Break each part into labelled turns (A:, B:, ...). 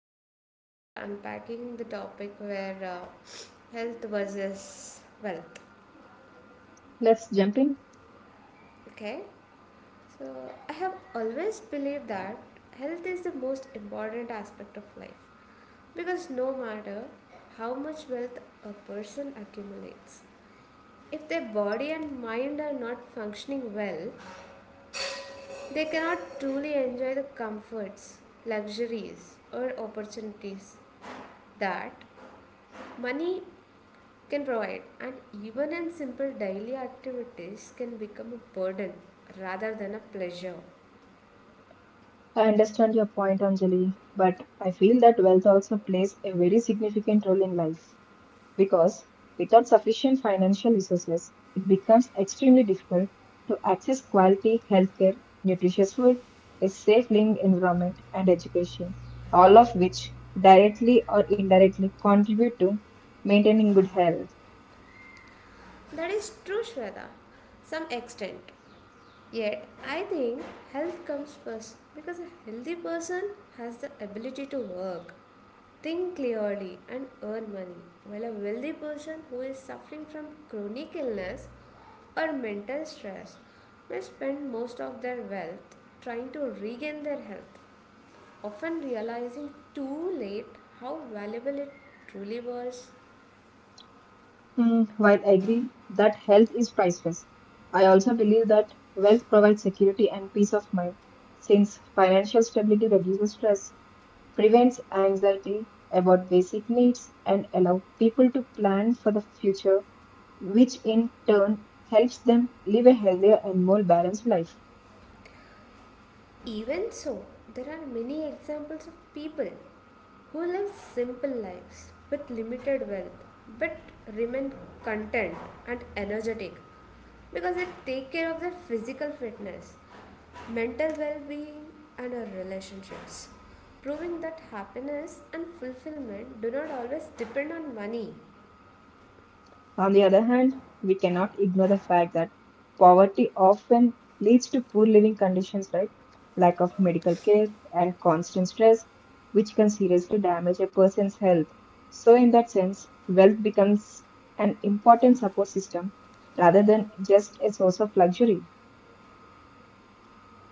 A: episode, we are unpacking the topic where health versus wealth.
B: Let's jump in.
A: Okay. So I have always believed that health is the most important aspect of life because no matter how much wealth a person accumulates if their body and mind are not functioning well, they cannot truly enjoy the comforts, luxuries, or opportunities that money can provide. And even in simple daily activities, can become a burden rather than a pleasure.
B: I understand your point, Anjali, but I feel that wealth also plays a very significant role in life because without sufficient financial resources, it becomes extremely difficult to access quality healthcare, nutritious food, a safe living environment, and education, all of which directly or indirectly contribute to maintaining good health.
A: That is true, Shweta, some extent. Yet, I think health comes first because a healthy person has the ability to work, think clearly, and earn money, while a wealthy person who is suffering from chronic illness or mental stress may spend most of their wealth trying to regain their health, often realizing too late how valuable it truly was.
B: While I agree that health is priceless, I also believe that wealth provides security and peace of mind, since financial stability reduces stress, prevents anxiety about basic needs, and allow people to plan for the future, which in turn helps them live a healthier and more balanced life.
A: Even so, there are many examples of people who live simple lives with limited wealth but remain content and energetic because they take care of their physical fitness, mental well being, and our relationships, proving that happiness and fulfillment do not always depend on money.
B: On the other hand, we cannot ignore the fact that poverty often leads to poor living conditions, right? Lack of medical care and constant stress, which can seriously damage a person's health. So, in that sense, wealth becomes an important support system rather than just a source of luxury.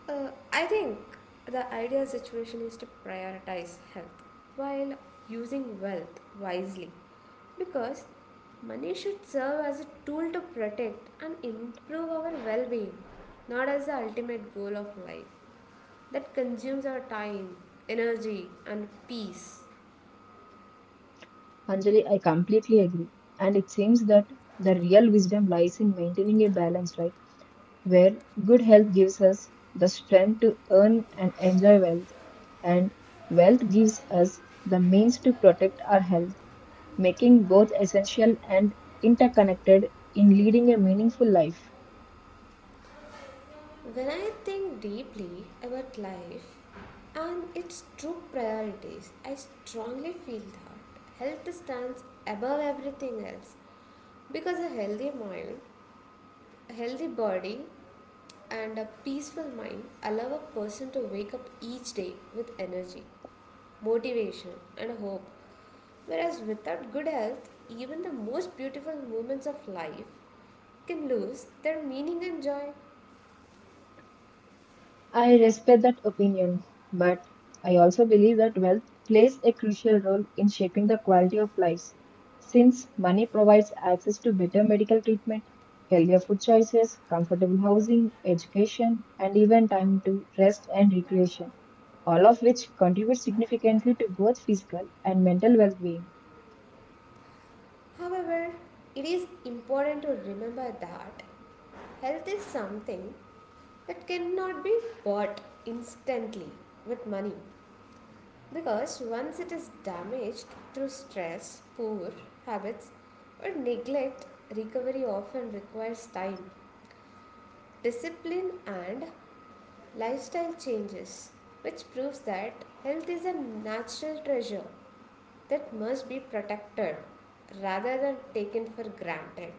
A: I think the ideal situation is to prioritize health while using wealth wisely because money should serve as a tool to protect and improve our well being, not as the ultimate goal of life that consumes our time, energy, and peace.
B: Anjali, I completely agree. And it seems that the real wisdom lies in maintaining a balance, right? Where good health gives us the strength to earn and enjoy wealth, and wealth gives us the means to protect our health, making both essential and interconnected in leading a meaningful life.
A: When I think deeply about life and its true priorities, I strongly feel that health stands above everything else because a healthy mind, a healthy body, and a peaceful mind allow a person to wake up each day with energy, motivation, and hope. Whereas without good health, even the most beautiful moments of life can lose their meaning and joy.
B: I respect that opinion, but I also believe that wealth plays a crucial role in shaping the quality of lives. Since money provides access to better medical treatment, healthier food choices, comfortable housing, education, and even time to rest and recreation, all of which contribute significantly to both physical and mental well being.
A: However, it is important to remember that health is something that cannot be bought instantly with money because once it is damaged through stress, poor habits, or neglect, recovery often requires time, discipline, and lifestyle changes, which proves that health is a natural treasure that must be protected rather than taken for granted.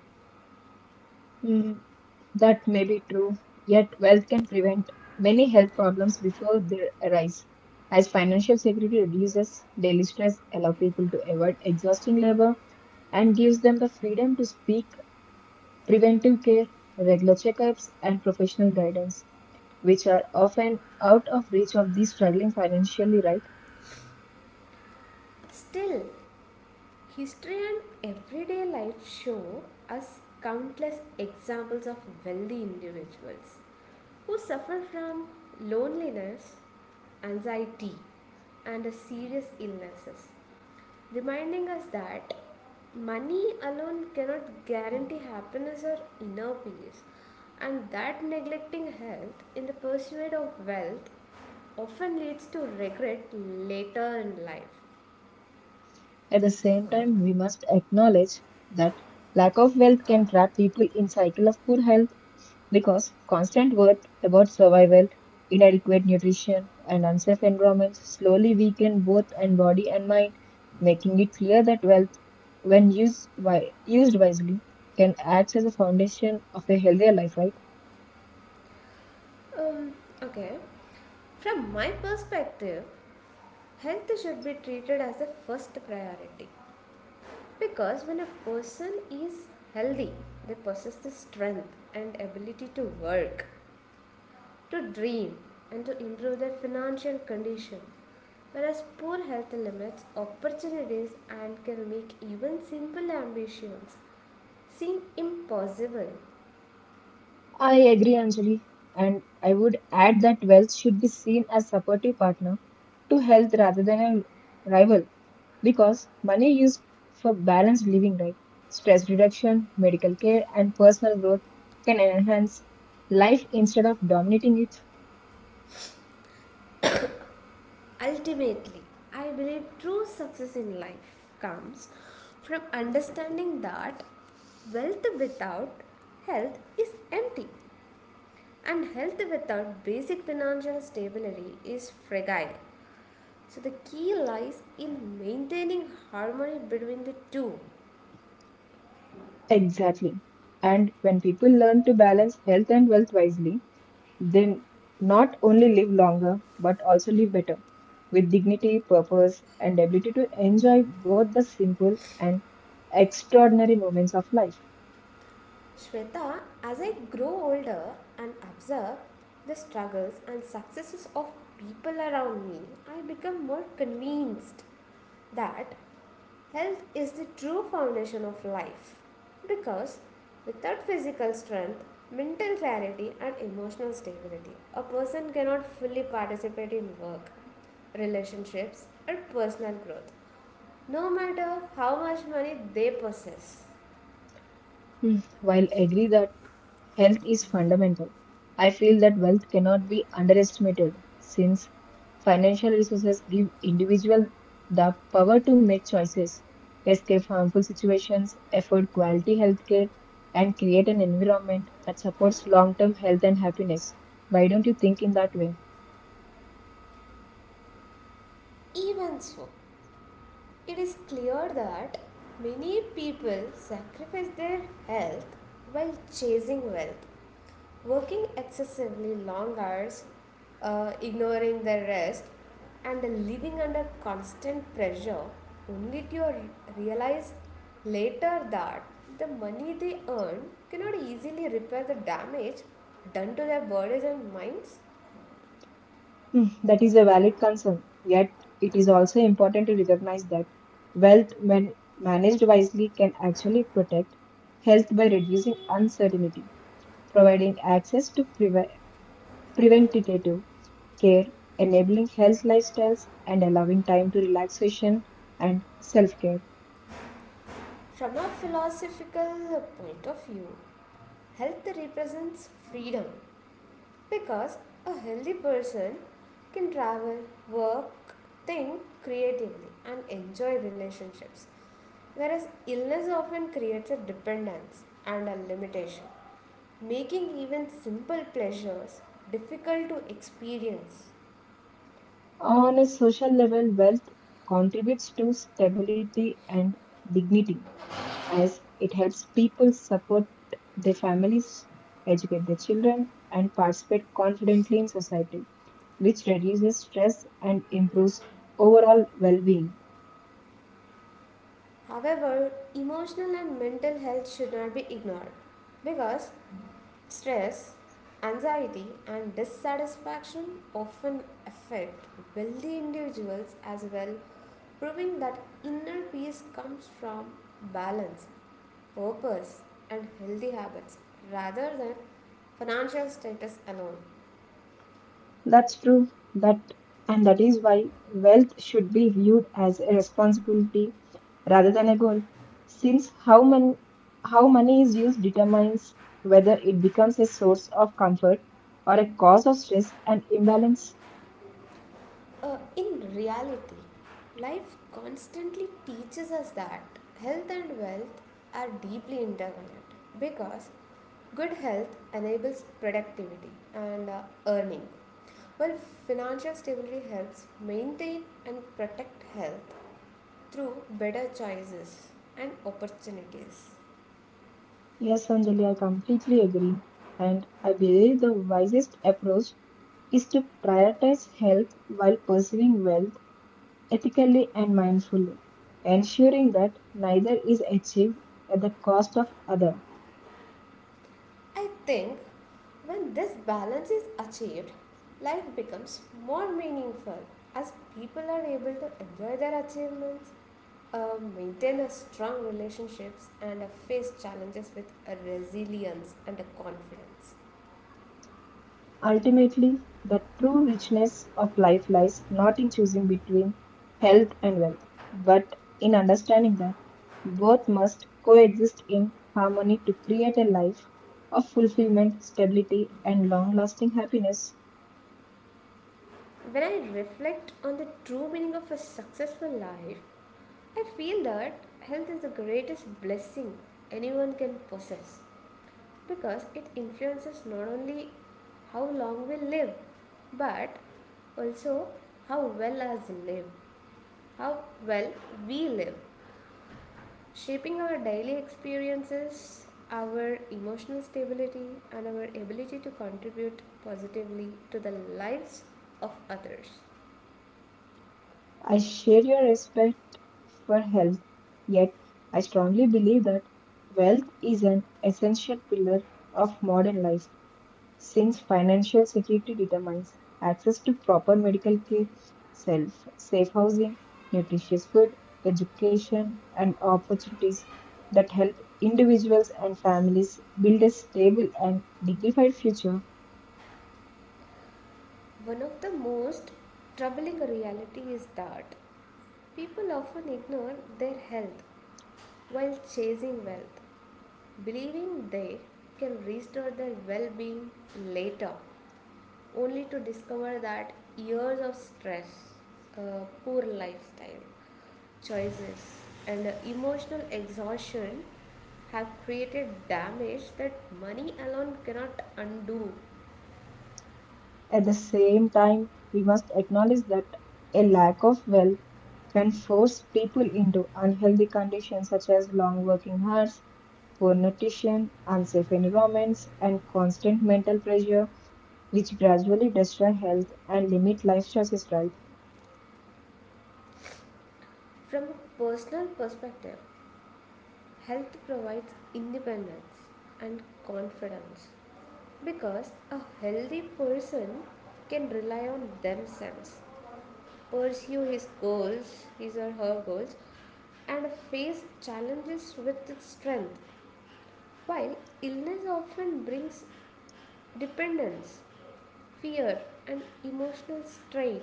B: That may be true, yet wealth can prevent many health problems before they arise. As financial security reduces daily stress, allow people to avoid exhausting labor, and gives them the freedom to speak, preventive care, regular checkups, and professional guidance, which are often out of reach of these struggling financially, right?
A: Still, history and everyday life show us countless examples of wealthy individuals who suffer from loneliness, anxiety, and serious illnesses, reminding us that money alone cannot guarantee happiness or inner peace, and that neglecting health in the pursuit of wealth often leads to regret later in life.
B: At the same time, we must acknowledge that lack of wealth can trap people in cycle of poor health. Because constant worth about survival, inadequate nutrition, and unsafe environments slowly weaken both in body and mind, making it clear that wealth, when used wisely, can act as a foundation of a healthier life, right?
A: Um, okay. From my perspective, health should be treated as a first priority because when a person is healthy, they possess the strength and ability to work, to dream, and to improve their financial condition. Whereas poor health limits opportunities and can make even simple ambitions seem impossible.
B: I agree, Anjali, and I would add that wealth should be seen as supportive partner to health rather than a rival, because money used for balanced living, right? Stress reduction, medical care, and personal growth can enhance life instead of dominating it.
A: Ultimately, I believe true success in life comes from understanding that wealth without health is empty and health without basic financial stability is fragile. So, the key lies in maintaining harmony between the two.
B: Exactly. And when people learn to balance health and wealth wisely, they not only live longer, but also live better, with dignity, purpose, and ability to enjoy both the simple and extraordinary moments of life.
A: Shweta, as I grow older and observe the struggles and successes of people around me, I become more convinced that health is the true foundation of life. Because without physical strength, mental clarity, and emotional stability, a person cannot fully participate in work, relationships, or personal growth no matter how much money they possess.
B: While agree that health is fundamental, I feel that wealth cannot be underestimated since financial resources give individuals the power to make choices, escape harmful situations, afford quality healthcare, and create an environment that supports long-term health and happiness. Why don't you think in that way?
A: Even so, it is clear that many people sacrifice their health while chasing wealth, working excessively long hours, ignoring their rest, and living under constant pressure only to realize later that the money they earn cannot easily repair the damage done to their bodies and minds.
B: That is a valid concern, yet it is also important to recognize that wealth, when managed wisely, can actually protect health by reducing uncertainty, providing access to preventative care, enabling health lifestyles, and allowing time to relaxation and self care.
A: From a philosophical point of view, health represents freedom because a healthy person can travel, work, think creatively, and enjoy relationships. Whereas illness often creates a dependence and a limitation, making even simple pleasures difficult to experience.
B: On a social level, wealth contributes to stability and dignity as it helps people support their families, educate their children, and participate confidently in society, which reduces stress and improves overall well being.
A: However, emotional and mental health should not be ignored because stress, anxiety, and dissatisfaction often affect wealthy individuals as well, proving that inner peace comes from balance, purpose, and healthy habits rather than financial status alone.
B: That's true. That that is why wealth should be viewed as a responsibility rather than a goal. Since how money is used determines whether it becomes a source of comfort or a cause of stress and imbalance.
A: In reality, life constantly teaches us that health and wealth are deeply interconnected because good health enables productivity and earning, while financial stability helps maintain and protect health through better choices and opportunities.
B: Yes, Anjali, I completely agree. And I believe the wisest approach is to prioritize health while pursuing wealth ethically and mindfully, ensuring that neither is achieved at the cost of other.
A: I think when this balance is achieved, life becomes more meaningful as people are able to enjoy their achievements, maintain a strong relationships, and face challenges with a resilience and a confidence.
B: Ultimately, the true richness of life lies not in choosing between health and wealth, but in understanding that both must coexist in harmony to create a life of fulfillment, stability, and long-lasting happiness.
A: When I reflect on the true meaning of a successful life, I feel that health is the greatest blessing anyone can possess. Because it influences not only how long we live but also how well us live how well we live, shaping our daily experiences, our emotional stability, and our ability to contribute positively to the lives of others.
B: I share your respect for health, yet I strongly believe that wealth is an essential pillar of modern life since financial security determines access to proper medical care, self, safe housing, nutritious food, education, and opportunities that help individuals and families build a stable and dignified future.
A: One of the most troubling reality is that people often ignore their health while chasing wealth, believing they can restore their well being later, only to discover that years of stress, poor lifestyle, choices, and emotional exhaustion have created damage that money alone cannot undo.
B: At the same time, we must acknowledge that a lack of wealth can force people into unhealthy conditions such as long working hours, poor nutrition, unsafe environments, and constant mental pressure, which gradually destroy health and limit life choices, right?
A: From a personal perspective, health provides independence and confidence because a healthy person can rely on themselves, pursue his or her goals, and face challenges with its strength. While illness often brings dependence, fear, and emotional strain,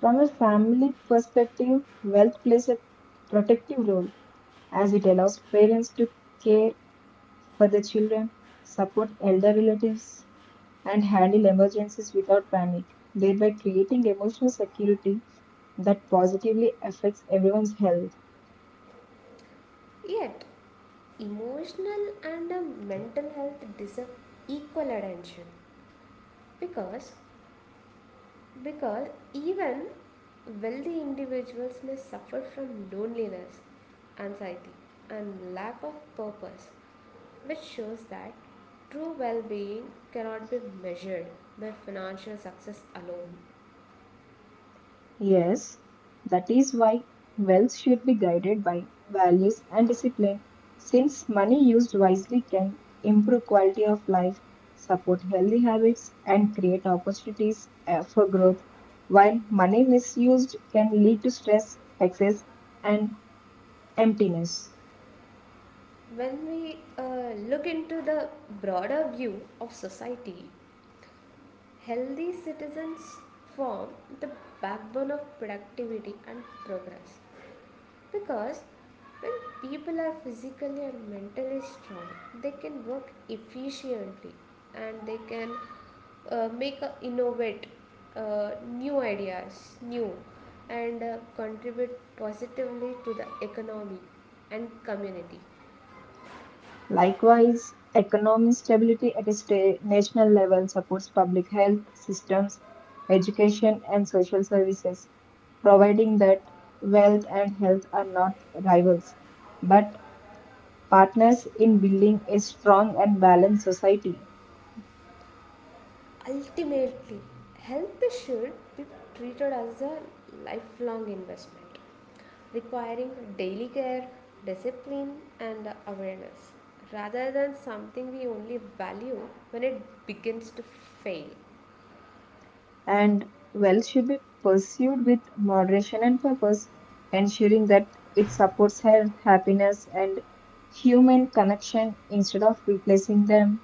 B: From a family perspective, wealth plays a protective role as it allows parents to care for their children, support elder relatives, and handle emergencies without panic, thereby creating emotional security that positively affects everyone's health.
A: yet emotional and mental health deserve equal attention because Because even wealthy individuals may suffer from loneliness, anxiety, and lack of purpose, which shows that true well being cannot be measured by financial success alone.
B: Yes, that is why wealth should be guided by values and discipline, since money used wisely can improve quality of life, support healthy habits, and create opportunities for growth, while money misused can lead to stress, excess, and emptiness.
A: When we look into the broader view of society, healthy citizens form the backbone of productivity and progress. Because when people are physically and mentally strong, they can work efficiently and they can make a innovate new ideas, new and contribute positively to the economy and community.
B: Likewise, economic stability at a national level supports public health systems, education, and social services, providing that wealth and health are not rivals, but partners in building a strong and balanced society.
A: Ultimately, health should be treated as a lifelong investment requiring daily care, discipline, and awareness rather than something we only value when it begins to fail.
B: And wealth should be pursued with moderation and purpose, ensuring that it supports health, happiness, and human connection instead of replacing them.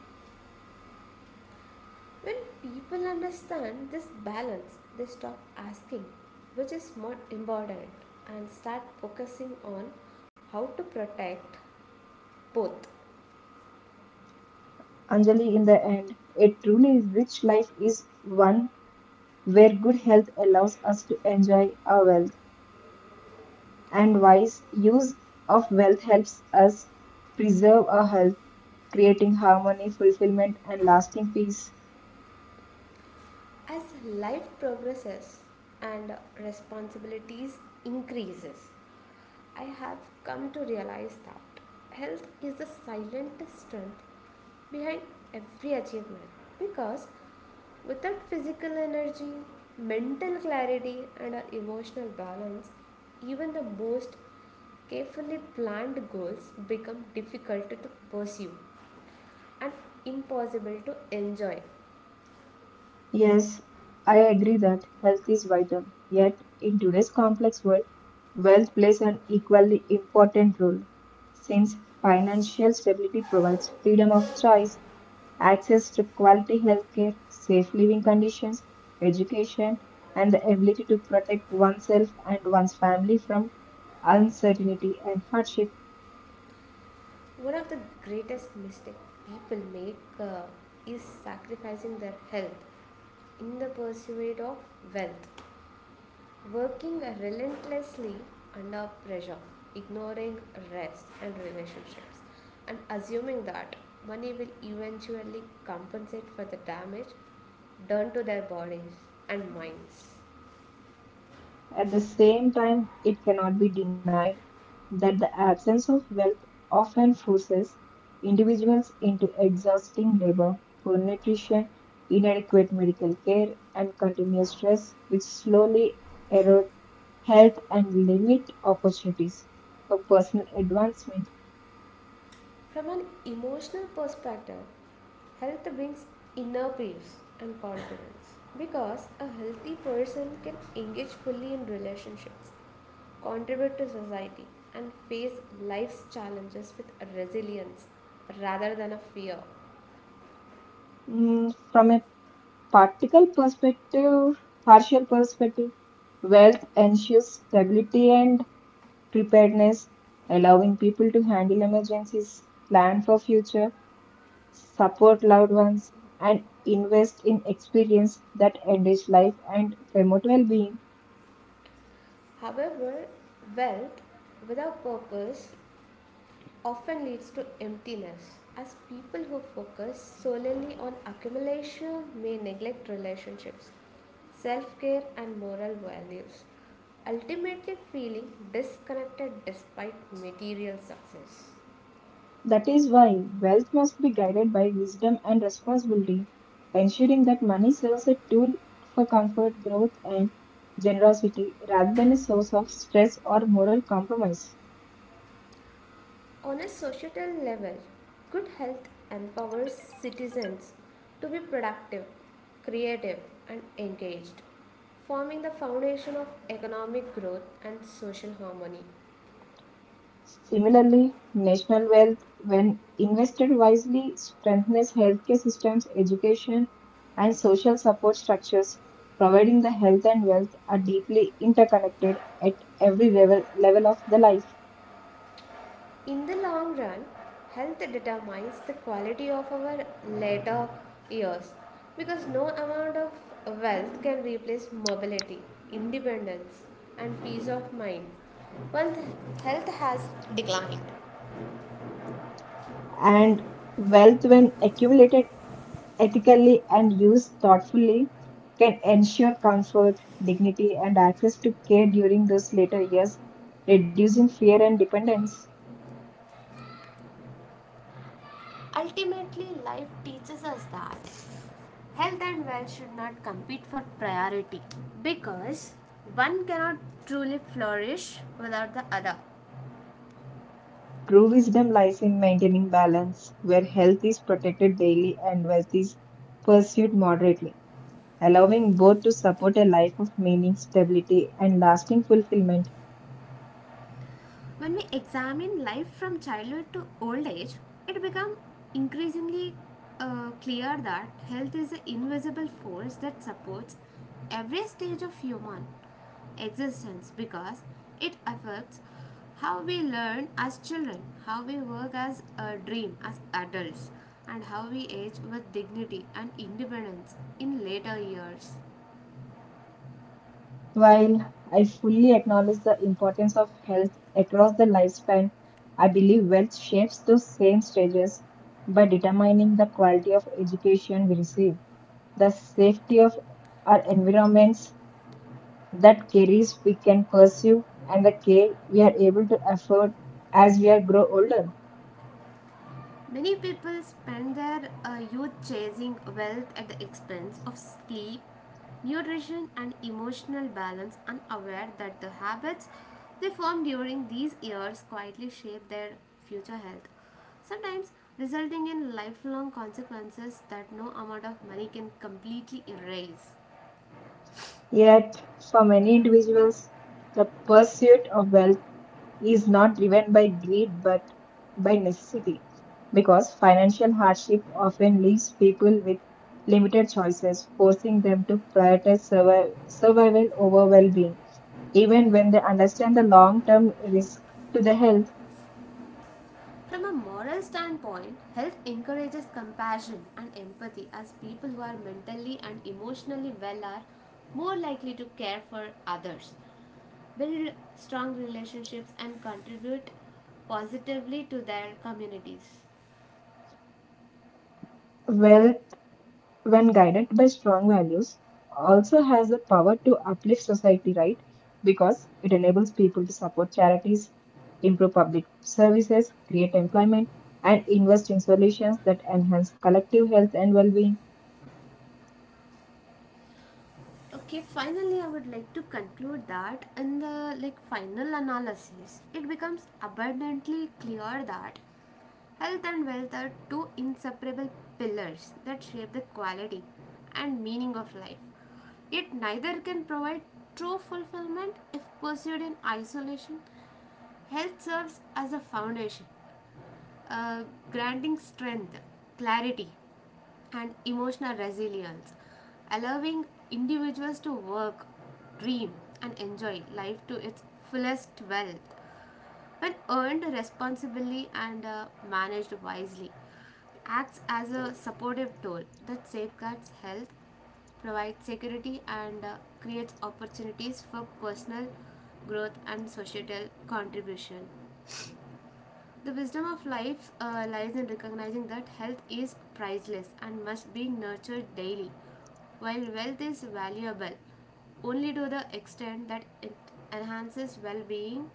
A: When people understand this balance, they stop asking, which is more important, and start focusing on how to protect both.
B: Anjali, in the end, a truly rich life is one where good health allows us to enjoy our wealth, and wise use of wealth helps us preserve our health, creating harmony, fulfillment, and lasting peace.
A: As life progresses and responsibilities increases, I have come to realize that health is the silent strength behind every achievement because without physical energy, mental clarity, and a emotional balance, even the most carefully planned goals become difficult to pursue and impossible to enjoy.
B: Yes, I agree that health is vital. Yet, in today's complex world, wealth plays an equally important role. Since financial stability provides freedom of choice, access to quality healthcare, safe living conditions, education, and the ability to protect oneself and one's family from uncertainty and hardship.
A: One of the greatest mistakes people make is sacrificing their health in the pursuit of wealth, working relentlessly under pressure, ignoring rest and relationships, and assuming that money will eventually compensate for the damage done to their bodies and minds.
B: At the same time, it cannot be denied that the absence of wealth often forces individuals into exhausting labor, poor nutrition, inadequate medical care, and continuous stress, which slowly erode health and limit opportunities for personal advancement.
A: From an emotional perspective, health brings inner peace and confidence because a healthy person can engage fully in relationships, contribute to society, and face life's challenges with resilience rather than a fear.
B: From a practical perspective, partial perspective, wealth ensures stability and preparedness, allowing people to handle emergencies, plan for future, support loved ones, and invest in experience that enrich life and promote well-being.
A: However, wealth without purpose often leads to emptiness, as people who focus solely on accumulation may neglect relationships, self care, and moral values, ultimately feeling disconnected despite material success.
B: That is why wealth must be guided by wisdom and responsibility, ensuring that money serves a tool for comfort, growth, and generosity rather than a source of stress or moral compromise.
A: On a societal level, good health empowers citizens to be productive, creative, and engaged, forming the foundation of economic growth and social harmony.
B: Similarly, national wealth, when invested wisely, strengthens healthcare systems, education, and social support structures, providing the health and wealth are deeply interconnected at level of the life.
A: In the long run, health determines the quality of our later years because no amount of wealth can replace mobility, independence, and peace of mind. Once health has declined,
B: And wealth, when accumulated ethically and used thoughtfully can ensure comfort, dignity, and access to care during those later years, reducing fear and dependence.
A: ultimately life teaches us that health and wealth should not compete for priority because one cannot truly flourish without the other.
B: True wisdom lies in maintaining balance, where health is protected daily and wealth is pursued moderately, allowing both to support a life of meaning, stability, and lasting fulfillment.
A: When we examine life from childhood to old age, it becomes increasingly clear that health is an invisible force that supports every stage of human existence because it affects how we learn as children, how we work as a dream as adults, and how we age with dignity and independence in later years.
B: While I fully acknowledge the importance of health across the lifespan, I believe wealth shapes those same stages by determining the quality of education we receive, the safety of our environments, that careers we can pursue, and the care we are able to afford as we are grow older.
A: Many people spend their youth chasing wealth at the expense of sleep, nutrition, and emotional balance, unaware that the habits they form during these years quietly shape their future health, sometimes resulting in lifelong consequences that no amount of money can completely erase.
B: Yet, for many individuals, the pursuit of wealth is not driven by greed but by necessity, because financial hardship often leaves people with limited choices, forcing them to prioritize survival over well being. Even when they understand the long term risk to the health,
A: From a moral standpoint, health encourages compassion and empathy as people who are mentally and emotionally well are more likely to care for others, build strong relationships, and contribute positively to their communities.
B: wealth when guided by strong values, also has the power to uplift society, right? Because it enables people to support charities, improve public services, create employment, and invest in solutions that enhance collective health and well being.
A: Okay, finally I would like to conclude that, in the like final analysis, it becomes abundantly clear that health and wealth are two inseparable pillars that shape the quality and meaning of life, yet neither can provide true fulfillment if pursued in isolation. Health serves as a foundation, uh, granting strength, clarity, and emotional resilience, allowing individuals to work, dream, and enjoy life to its fullest. Wealth, when earned responsibly and managed wisely, acts as a supportive tool that safeguards health, provides security, and creates opportunities for personal growth and societal contribution. The wisdom of life lies in recognizing that health is priceless and must be nurtured daily, while wealth is valuable only to the extent that it enhances well being,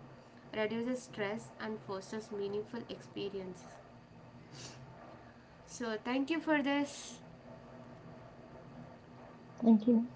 A: reduces stress, and fosters meaningful experiences. So, thank you for this.
B: Thank you.